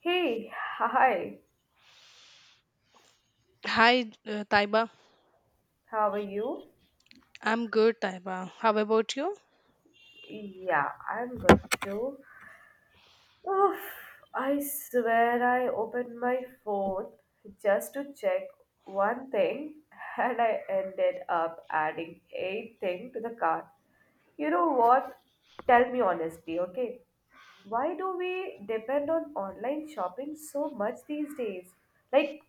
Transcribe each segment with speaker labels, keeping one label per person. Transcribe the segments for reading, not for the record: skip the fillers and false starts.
Speaker 1: Hey, hi,
Speaker 2: Hi, Taiba.
Speaker 1: how are you?
Speaker 2: I'm good, Taiba. How about you?
Speaker 1: Yeah, I'm good too. Oh, I swear I opened my phone just to check one thing and I ended up adding 8 things to the cart. You know what? Tell me honestly, okay? Why do we depend on online shopping so much these days? Like,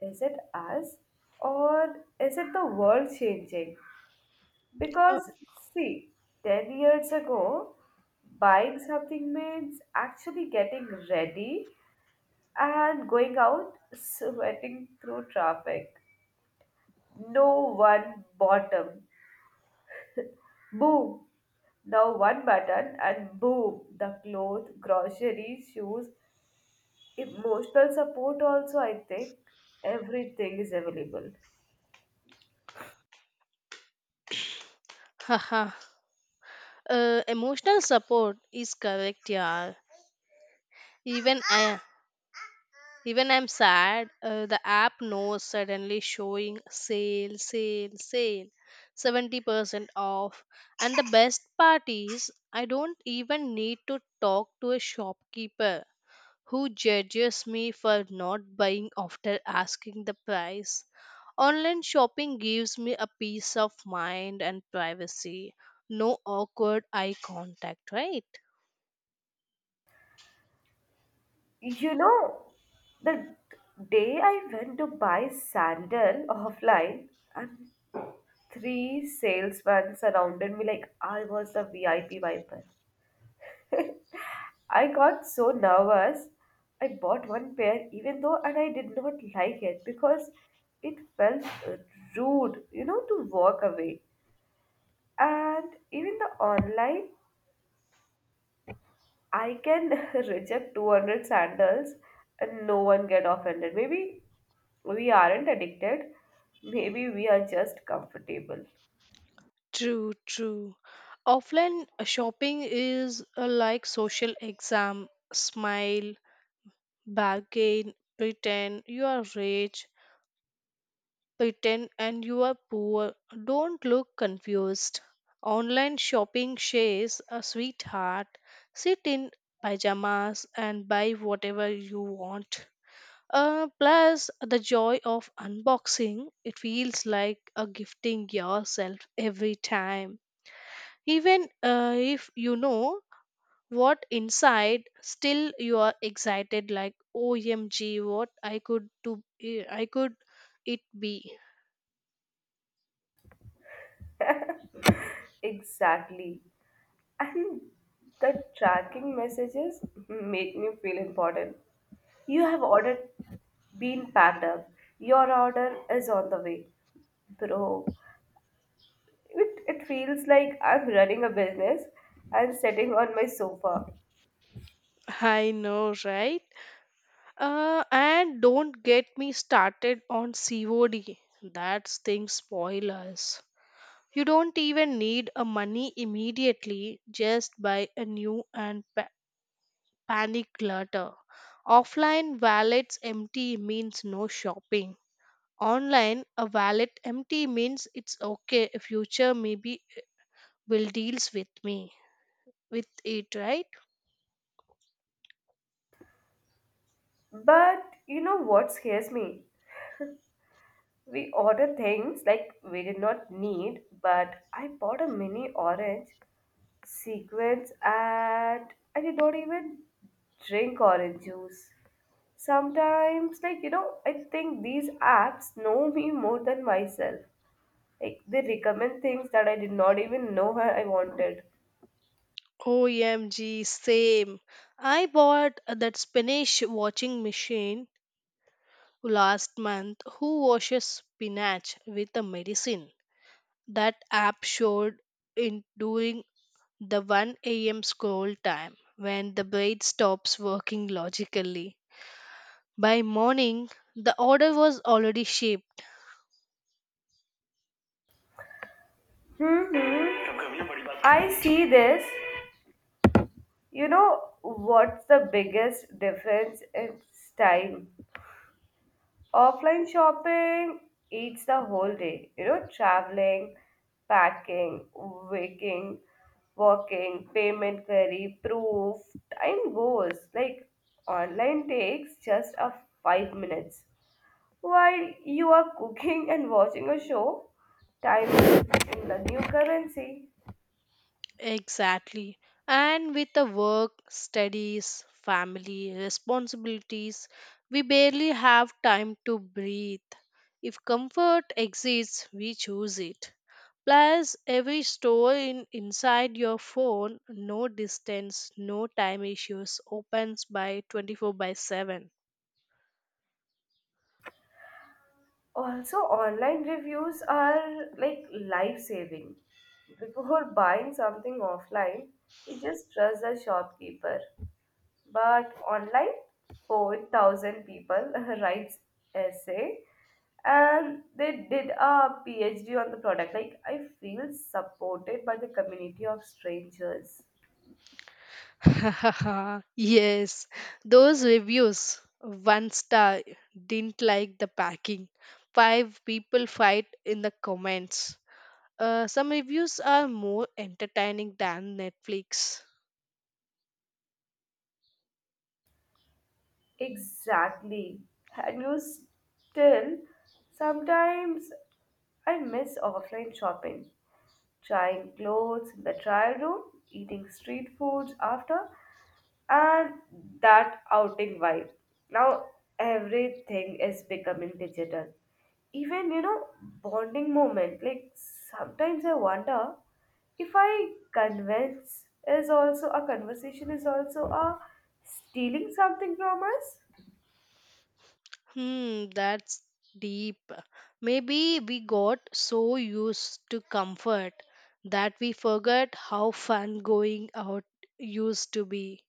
Speaker 1: is it us or is it the world changing?
Speaker 2: Uh,
Speaker 1: Because, see, 10 years ago, buying something means actually getting ready and going out sweating through traffic. No one bottom. Boom! Now one button and boom! The clothes, groceries, shoes, emotional support also, I think. Everything is available.
Speaker 2: haha. Emotional support is correct, yeah. Even I, even I'm sad. The app knows suddenly showing sale, sale, sale, 70% off. And the best part is, I don't even need to talk to a shopkeeper who judges me for not buying after asking the price. Online shopping gives me a peace of mind and privacy. No awkward eye contact, right?
Speaker 1: You know, the day I went to buy sandal offline, and three salesmen surrounded me like I was the VIP viper. I got so nervous. I bought one pair even though and I did not like it because it felt rude, to walk away. And even the online, I can reject 200 sandals and no one get offended. Maybe we aren't addicted. Maybe we are just comfortable.
Speaker 2: True, true. Offline shopping is like social exam. Smile, bargain, pretend you are rich, bitten and you are poor. Don't look confused. Online shopping shares a sweetheart. Sit in pajamas and buy whatever you want. Plus, the joy of unboxing, it feels like a gifting yourself every time. Even if you know what inside, still you are excited like, OMG, what I could do, I could it be.
Speaker 1: Exactly. And the tracking messages make me feel important. You have ordered been packed up. Your order is on the way. Bro, it feels like I'm running a business and sitting on my sofa.
Speaker 2: I know, right? And don't get me started on COD. That's thing spoil us. You don't even need a money immediately. Just buy a new and pa- panic clutter. Offline wallets empty means no shopping. Online a wallet empty means it's okay. Future maybe will deals with me with it, right?
Speaker 1: But you know what scares me? We order things like we did not need, but I bought a mini orange sequence and I did not even drink orange juice. Sometimes, like, you know, I think these apps know me more than myself. Like, they recommend things that I did not even know I wanted.
Speaker 2: OMG, same. I bought that spinach washing machine last month. Who washes spinach with a medicine? That app showed in during the 1 a.m. scroll time when the brain stops working logically. By morning, the order was already shipped.
Speaker 1: hmm I see this. You know what's the biggest difference? It's time. Offline shopping eats the whole day. You know, traveling, packing, waking, working, payment query, proof, time goes. Like online takes just a 5 minutes. While you are cooking and watching a show, time is in the new currency.
Speaker 2: Exactly. And with the work, studies, family, responsibilities, we barely have time to breathe. If comfort exists, we choose it. Plus, every store inside your phone, no distance, no time issues, opens by 24 by 7.
Speaker 1: Also, online reviews are like life saving. Before buying something offline, we just trust the shopkeeper. But online 4,000 people writes essay and they did a phd on the product. Like, I feel supported by the community of strangers.
Speaker 2: Yes, those reviews one star didn't like the packing. Five people fight in the comments. Some reviews are more entertaining than Netflix.
Speaker 1: Exactly. And you still sometimes I miss offline shopping, trying clothes in the trial room, eating street foods after, and that outing vibe. Now everything is becoming digital. Even you know, bonding moment. Like sometimes I wonder if I convince is also a conversation is also a stealing something from us.
Speaker 2: Hmm, that's deep. Maybe we got so used to comfort that we forgot how fun going out used to be.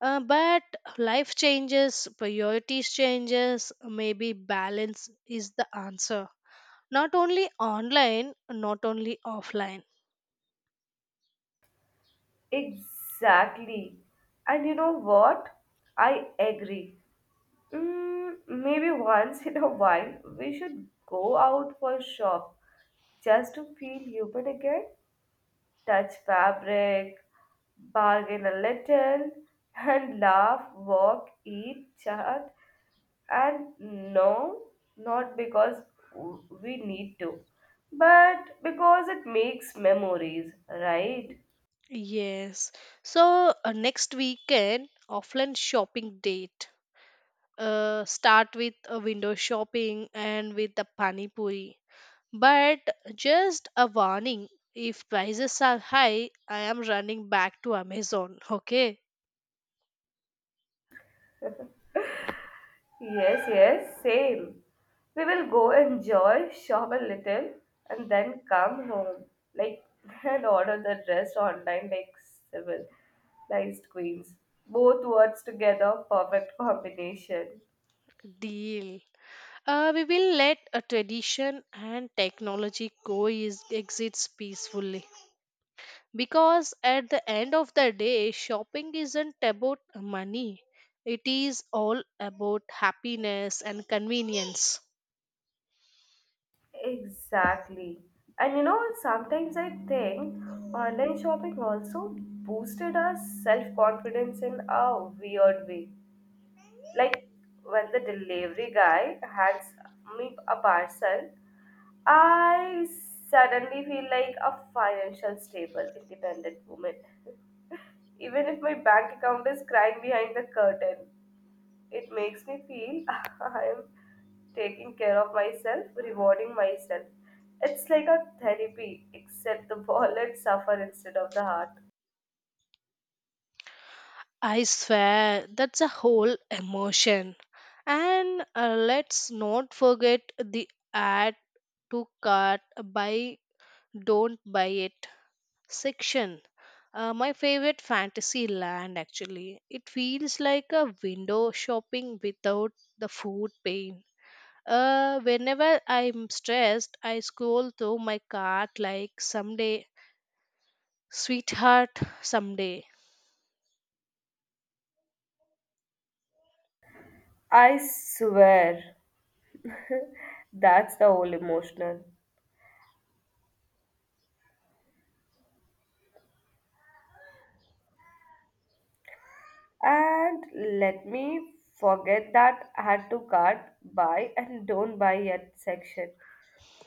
Speaker 2: But life changes, priorities changes, maybe balance is the answer. Not only online, not only offline.
Speaker 1: Exactly. And you know what? I agree. Maybe once in a while we should go out for a shop just to feel human again, touch fabric, bargain a little, and laugh, walk, eat, chat, and no, not because we need to, but because it makes memories, right?
Speaker 2: Yes. So next weekend, offline shopping date. Start with a window shopping and with the pani puri. But just a warning, if prices are high, I am running back to Amazon. Okay,
Speaker 1: Yes, yes, same. We will go enjoy, shop a little, and then come home. Like, and order the dress online like civilized queens. Both words together, perfect combination.
Speaker 2: deal. We will let a tradition and technology coexist peacefully because at the end of the day, shopping isn't about money, it is all about happiness and convenience.
Speaker 1: Exactly. And you know, sometimes I think online shopping also boosted our self confidence in a weird way. Like when the delivery guy hands me a parcel, I suddenly feel like a financial stable, independent woman. Even if my bank account is crying behind the curtain, it makes me feel I am taking care of myself, rewarding myself. It's like a therapy, except the wallet suffer instead of the heart.
Speaker 2: I swear that's a whole emotion. And let's not forget the "add to cart buy, don't buy it" section. My favorite fantasy land actually. It feels like a window shopping without the food pain. Whenever I'm stressed, I scroll through my cart like someday, sweetheart, someday.
Speaker 1: I swear, that's the whole emotional. And let me forget that add to cart, buy and don't buy yet section.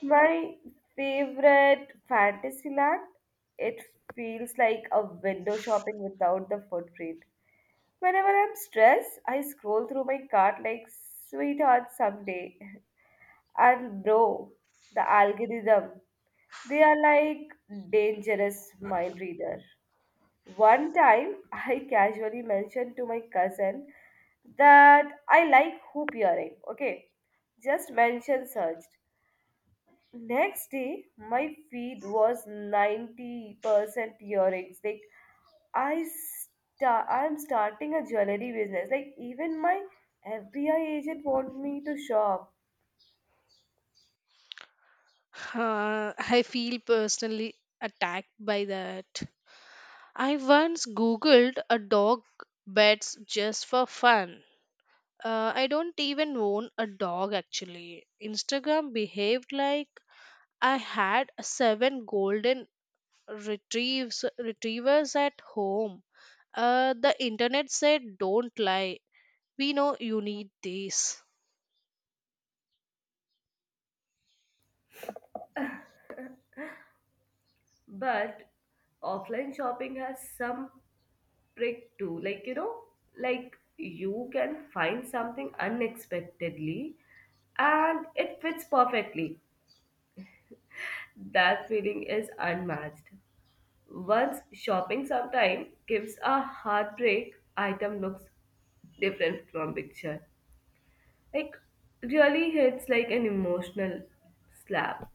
Speaker 1: My favorite fantasy land. It feels like a window shopping without the footprint. Whenever I'm stressed, I scroll through my cart like sweetheart someday. And bro, the algorithm, they are like dangerous mind reader. One time, I casually mentioned to my cousin that I like hoop earring. Okay, just mention searched. Next day, my feed was 90% earrings. Like, I I'm starting a jewelry business. Like, even my FBI agent want me to shop.
Speaker 2: I feel personally attacked by that. I once googled a dog beds just for fun. I don't even own a dog actually. Instagram behaved like I had seven golden retrieves retrievers at home. The internet said, "Don't lie. We know you need this."
Speaker 1: But offline shopping has some trick too. Like, you know, like you can find something unexpectedly and it fits perfectly. That feeling is unmatched. Once shopping sometime gives a heartbreak, item looks different from picture. Like really hits like an emotional slap.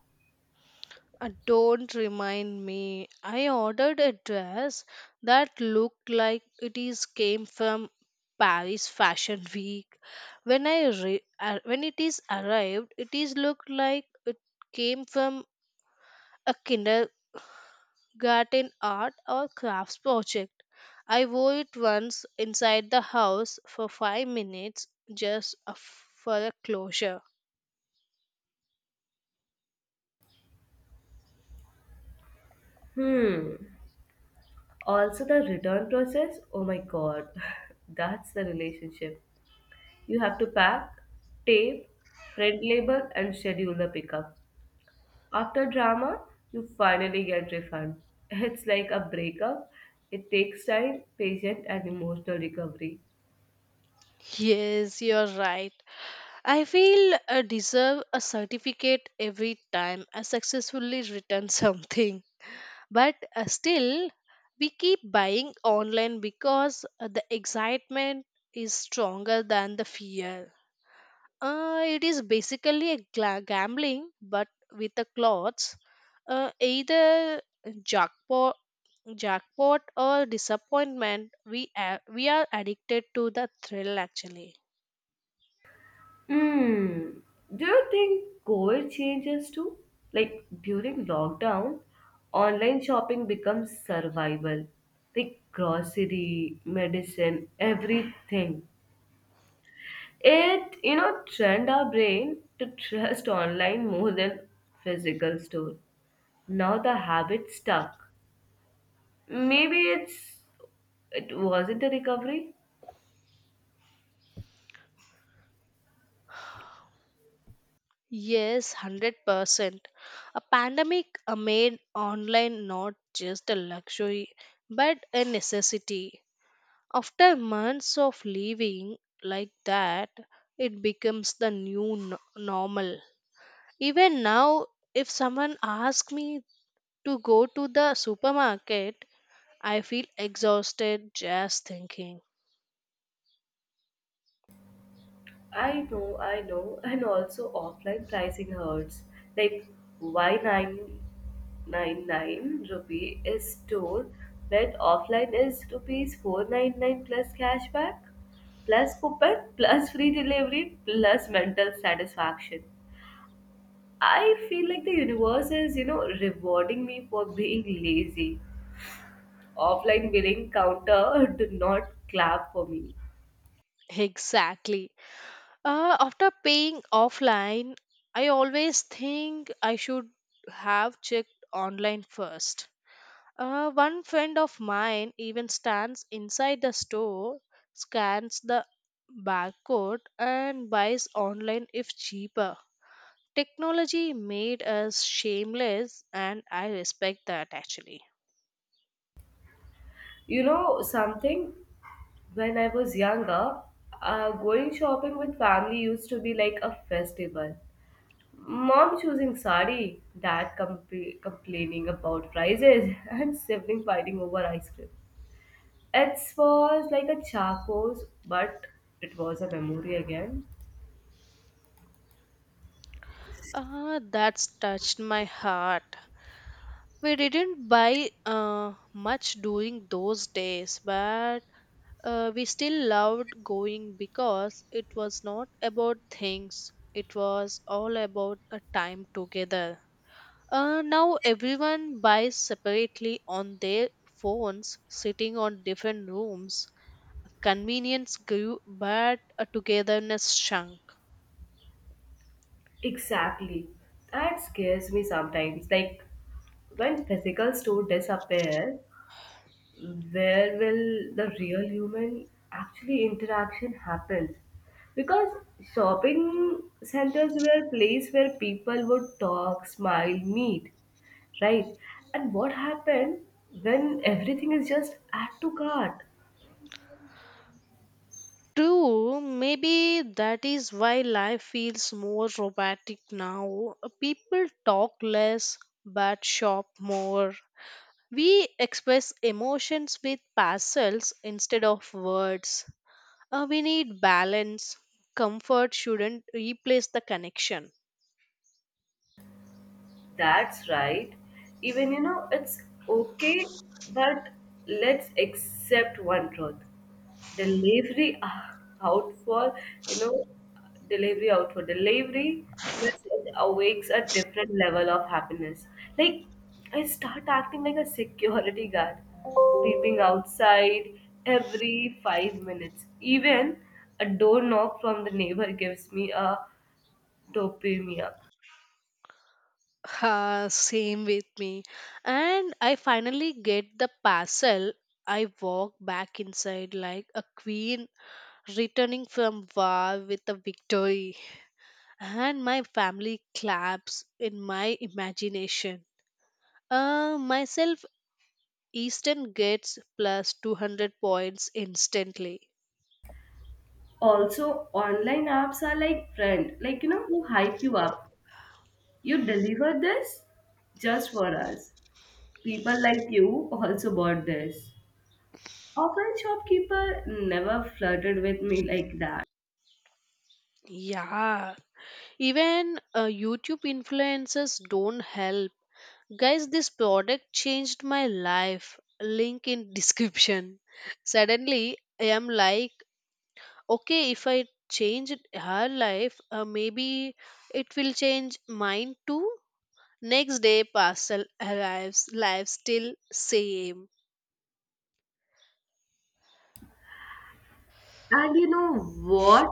Speaker 2: Don't remind me. I ordered a dress that looked like it is came from Paris Fashion Week. When when it is arrived, it is looked like it came from a kinder garden art or crafts project. I wore it once inside the house for 5 minutes for a closure.
Speaker 1: Hmm. Also the return process, oh my god, that's the relationship. You have to pack, tape, print label, and schedule the pickup. After drama, you finally get refund. It's like a breakup. It takes time, patience, and emotional recovery.
Speaker 2: Yes, you're right. I feel I deserve a certificate every time I successfully return something. But still, we keep buying online because the excitement is stronger than the fear. It is basically gambling, but with the clothes. Either jackpot, jackpot or disappointment. We are addicted to the thrill. Actually,
Speaker 1: Hmm. Do you think COVID changes too? Like during lockdown, online shopping becomes survival. Like grocery, medicine, everything. You know, trained our brain to trust online more than physical store. Now the habit stuck. Maybe it wasn't a recovery.
Speaker 2: yes, 100%. A pandemic made online not just a luxury, but a necessity. After months of living like that, it becomes the normal. Even now, if someone asks me to go to the supermarket, I feel exhausted just thinking.
Speaker 1: I know, and also offline pricing hurts. Like why 999 rupee is store when offline is rupees 499 plus cashback, plus coupon, plus free delivery, plus mental satisfaction. I feel like the universe is, you know, rewarding me for being lazy. Offline billing counter do not clap for me.
Speaker 2: Exactly. After paying offline, I always think I should have checked online first. One friend of mine even stands inside the store, scans the barcode, and buys online if cheaper. Technology made us shameless, and I respect that actually.
Speaker 1: You know, something when I was younger, going shopping with family used to be like a festival. Mom choosing sari, dad complaining about prices, and sibling fighting over ice cream. It was like a charcoal's, but it was a memory again.
Speaker 2: Ah, that's touched my heart. We didn't buy much during those days, but we still loved going because it was not about things, it was all about a time together. Now everyone buys separately on their phones, sitting on different rooms. Convenience grew, but togetherness shrunk.
Speaker 1: Exactly. That scares me sometimes. Like when physical store disappear, where will the real human actually interaction happens? Because shopping centers were a place where people would talk, smile, meet, right? And what happened when everything is just add to cart?
Speaker 2: True, maybe that is why life feels more robotic now. People talk less but shop more. We express emotions with parcels instead of words. We need balance. Comfort shouldn't replace the connection.
Speaker 1: That's right. Even you know, it's okay, but let's accept one truth. Delivery out for you know, delivery out for delivery message awakes a different level of happiness. Like I start acting like a security guard, peeping outside every 5 minutes. Even a door knock from the neighbor gives me a dopamine.
Speaker 2: Ha, same with me. And I finally get the parcel. I walk back inside like a queen returning from war with a victory. And my family claps in my imagination. Myself, Eastern gets plus 200 points instantly.
Speaker 1: Also, online apps are like friend, like you know, who hype you up. You deliver this just for us. People like you also bought this. Often shopkeeper never flirted with me like that.
Speaker 2: Yeah, even YouTube influencers don't help. Guys, this product changed my life. Link in description. Suddenly, I am like, okay, if I change her life, maybe it will change mine too. Next day, parcel arrives, life still same.
Speaker 1: And you know what?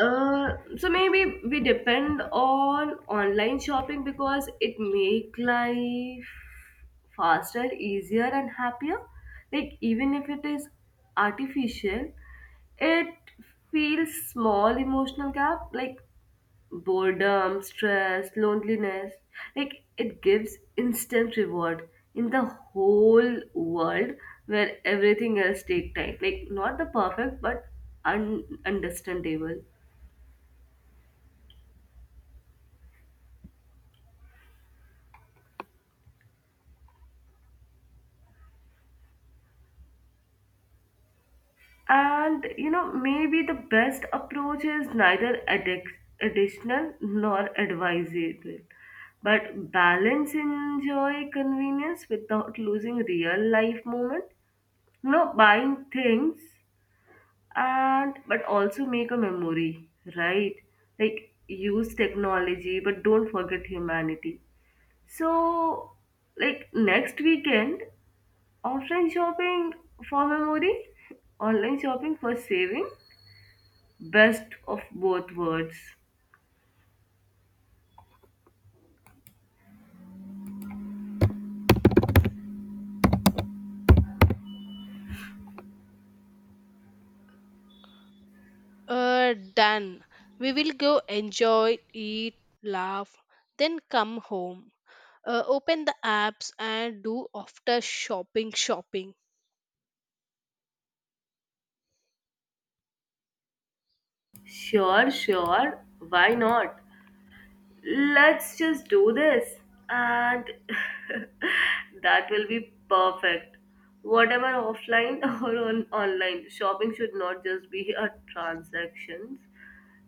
Speaker 1: So maybe we depend on online shopping because it make life faster, easier, and happier. Like even if it is artificial, it feels small emotional gap like boredom, stress, loneliness. Like it gives instant reward in the whole world where everything else take time. Like not the perfect but understandable. And you know, maybe the best approach is neither additional nor advisable, but balance enjoy convenience without losing real life moment. You know, buying things and but also make a memory, right? Like use technology, but don't forget humanity. So, like next weekend, offline shopping for memory, online shopping for saving. Best of both worlds.
Speaker 2: Done. We will go enjoy, eat, laugh, then come home. Open the apps and do after shopping.
Speaker 1: Sure, sure. Why not? Let's just do this. And that will be perfect. Whatever offline or on online, shopping should not just be a transactions.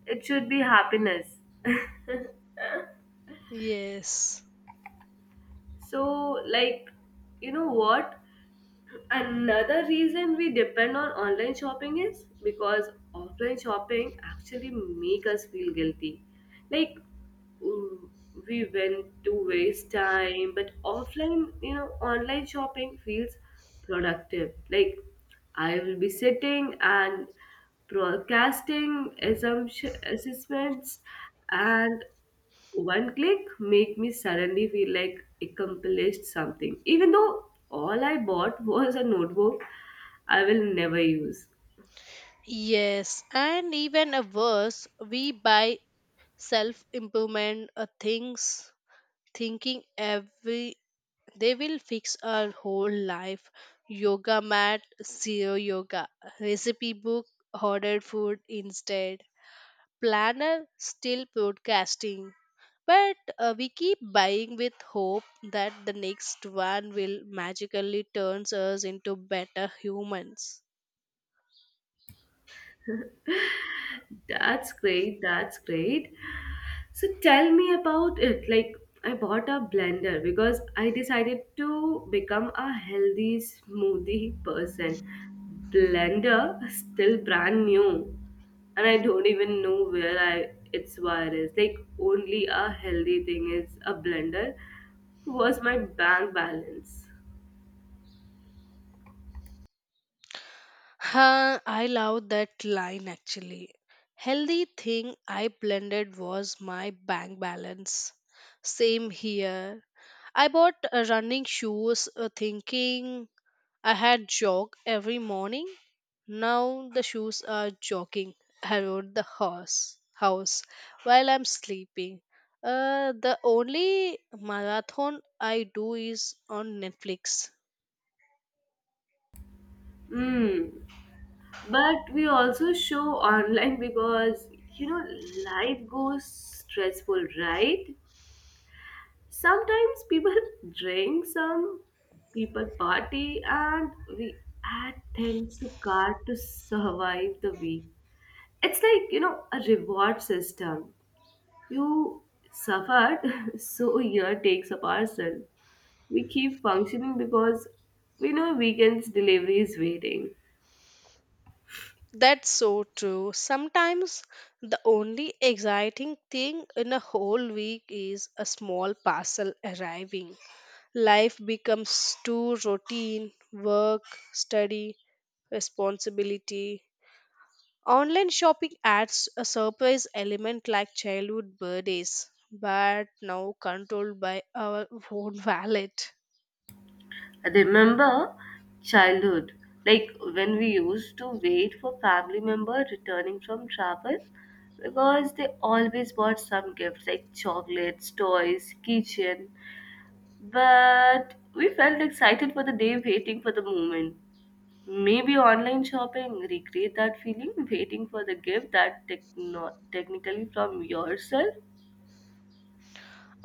Speaker 1: It should be happiness.
Speaker 2: Yes.
Speaker 1: So, like, you know what? Another reason we depend on online shopping is because offline shopping actually make us feel guilty like mm, we went to waste time but offline you know online shopping feels productive. Like I will be sitting and broadcasting assumption assessments and one click make me suddenly feel like accomplished something even though all I bought was a notebook I will never use.
Speaker 2: Yes, and even a worse, we buy self improvement things, thinking every they will fix our whole life. Yoga mat, zero yoga. Recipe book, ordered food instead. Planner, still broadcasting. But we keep buying with hope that the next one will magically turns us into better humans.
Speaker 1: That's great. That's great. So tell me about it. Like I bought a blender because I decided to become a healthy smoothie person. Blender still brand new and I don't even know where I its wire is. Like only a healthy thing is a blender was my bank balance.
Speaker 2: Huh, I love that line actually. Healthy thing I blended was my bank balance. Same here. I bought running shoes thinking I had jog every morning. Now the shoes are jogging around the house while I'm sleeping. The only marathon I do is on Netflix.
Speaker 1: Hmm. But we also show online because you know life goes stressful, right? Sometimes people drink, some people party and we add things to cart to survive the week. It's like you know a reward system. You suffered, so year takes a parcel. We keep functioning because we know weekends delivery is waiting.
Speaker 2: That's so true. Sometimes the only exciting thing in a whole week is a small parcel arriving. Life becomes too routine work, study, responsibility. Online shopping adds a surprise element like childhood birthdays, but now controlled by our own wallet.
Speaker 1: I remember childhood, like when we used to wait for family member returning from travel because they always bought some gifts like chocolates, toys, kitchen. But we felt excited for the day waiting for the moment. Maybe online shopping recreate that feeling waiting for the gift that technically from yourself.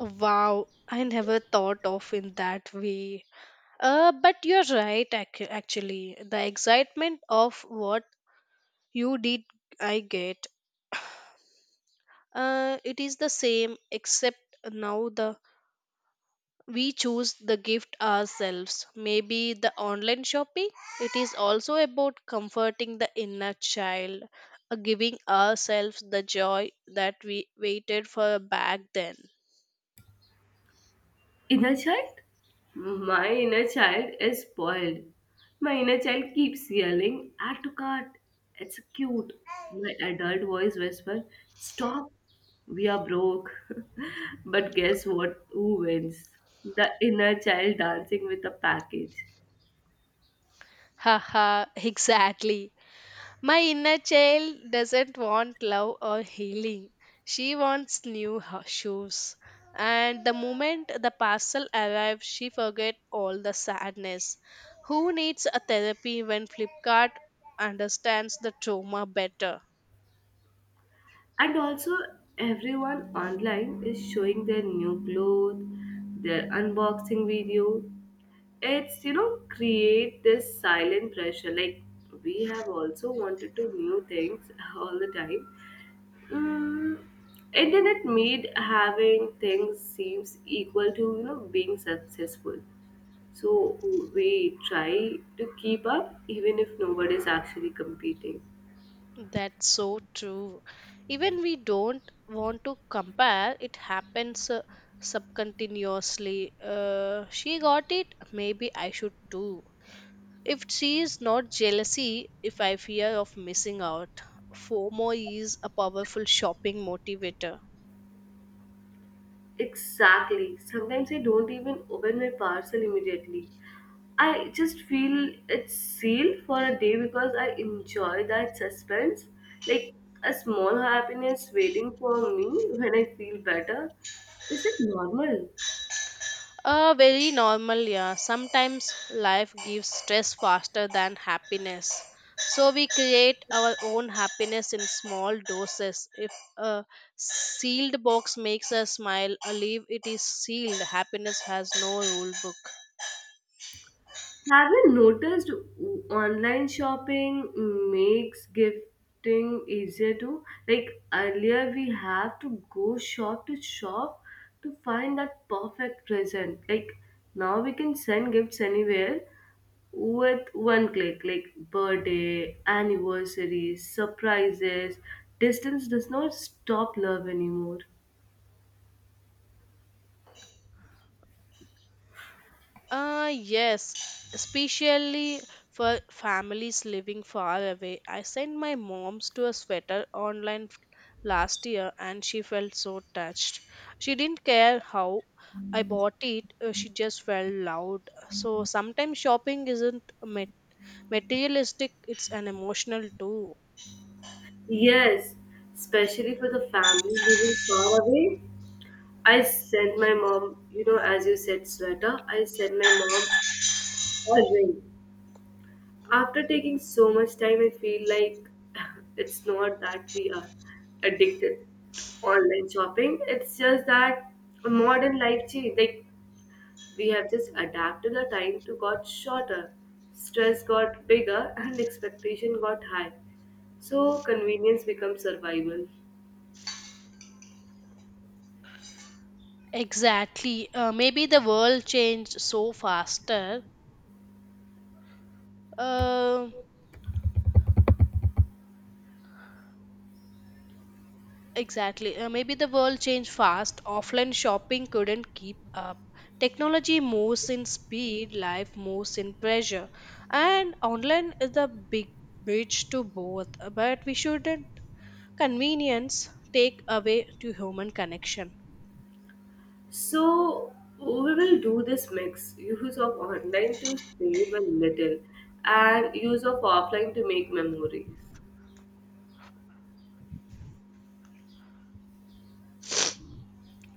Speaker 2: Wow, I never thought of in that way. But you're right, actually. The excitement of what you did, I get. It is the same, except now the we choose the gift ourselves. Maybe the online shopping. It is also about comforting the inner child, giving ourselves the joy that we waited for back then.
Speaker 1: Inner child? My inner child is spoiled. My inner child keeps yelling, add to cart. It's cute. My adult voice whispers, stop. We are broke. But guess what? Who wins? The inner child dancing with a package.
Speaker 2: Haha, exactly. My inner child doesn't want love or healing. She wants shoes. And the moment the parcel arrives, she forgets all the sadness. Who needs a therapy when Flipkart understands the trauma better?
Speaker 1: And also, everyone online is showing their new clothes, their unboxing video, it's you know create this silent pressure like we have also wanted to new things all the time. mm, Internet made having things seems equal to you know being successful, so we try to keep up even if nobody's actually competing.
Speaker 2: That's so true. Even we don't want to compare, it happens subcontinuously. She got it, maybe I should too. If she is not jealousy, if I fear of missing out, FOMO is a powerful shopping motivator.
Speaker 1: Exactly. Sometimes I don't even open my parcel immediately. I just feel it's sealed for a day because I enjoy that suspense. Like a small happiness waiting for me when I feel better. Is it normal?
Speaker 2: Very normal, yeah. Sometimes life gives stress faster than happiness. So we create our own happiness in small doses. If a sealed box makes us smile, a leaf it is sealed. Happiness has no rule book.
Speaker 1: Have you noticed online shopping makes gifting easier too? Like earlier, we have to go shop to shop to find that perfect present. Like now, we can send gifts anywhere with one click, like birthday, anniversaries, surprises. Distance does not stop love anymore.
Speaker 2: Yes, especially for families living far away. I sent my mom's to a sweater online last year and she felt so touched. She didn't care how I bought it, she just felt loud. So sometimes shopping isn't materialistic, it's an emotional too.
Speaker 1: Yes, especially for the family living far away. I sent my mom, you know, as you said, sweater. I sent my mom a ring. After taking so much time, I feel like it's not that we are addicted to online shopping. It's just that a modern life change. Like we have just adapted. The time to got shorter, stress got bigger, and expectation got high. So convenience becomes survival.
Speaker 2: Exactly. Maybe the world changed so faster. Um Exactly. Maybe the world changed fast. Offline shopping couldn't keep up. Technology moves in speed, life moves in pressure. And online is the big bridge to both. But we shouldn't convenience take away to human connection.
Speaker 1: So we will do this mix use of online to save a little and use of offline to make memories.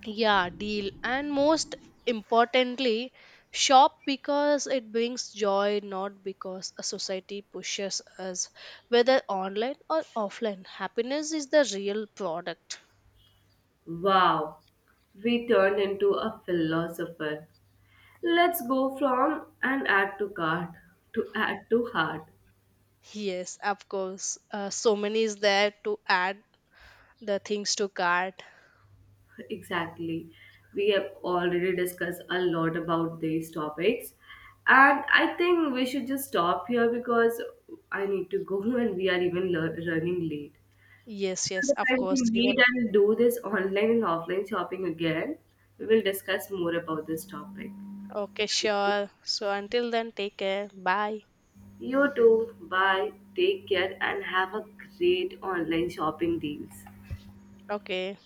Speaker 2: Yeah, deal. And most importantly, shop because it brings joy, not because a society pushes us, whether online or offline. Happiness is the real product.
Speaker 1: Wow, we turned into a philosopher. Let's go from an add to cart to add to heart.
Speaker 2: Yes, of course. So many is there to add the things to cart.
Speaker 1: Exactly. We have already discussed a lot about these topics. And I think we should just stop here because I need to go and we are even running late.
Speaker 2: Yes, yes,
Speaker 1: Another
Speaker 2: of
Speaker 1: time we
Speaker 2: course. Even
Speaker 1: meet and do this online and offline shopping again, we will discuss more about this topic.
Speaker 2: okay, sure. So until then, take care. Bye.
Speaker 1: You too. Bye. Take care and have a great online shopping deals.
Speaker 2: Okay.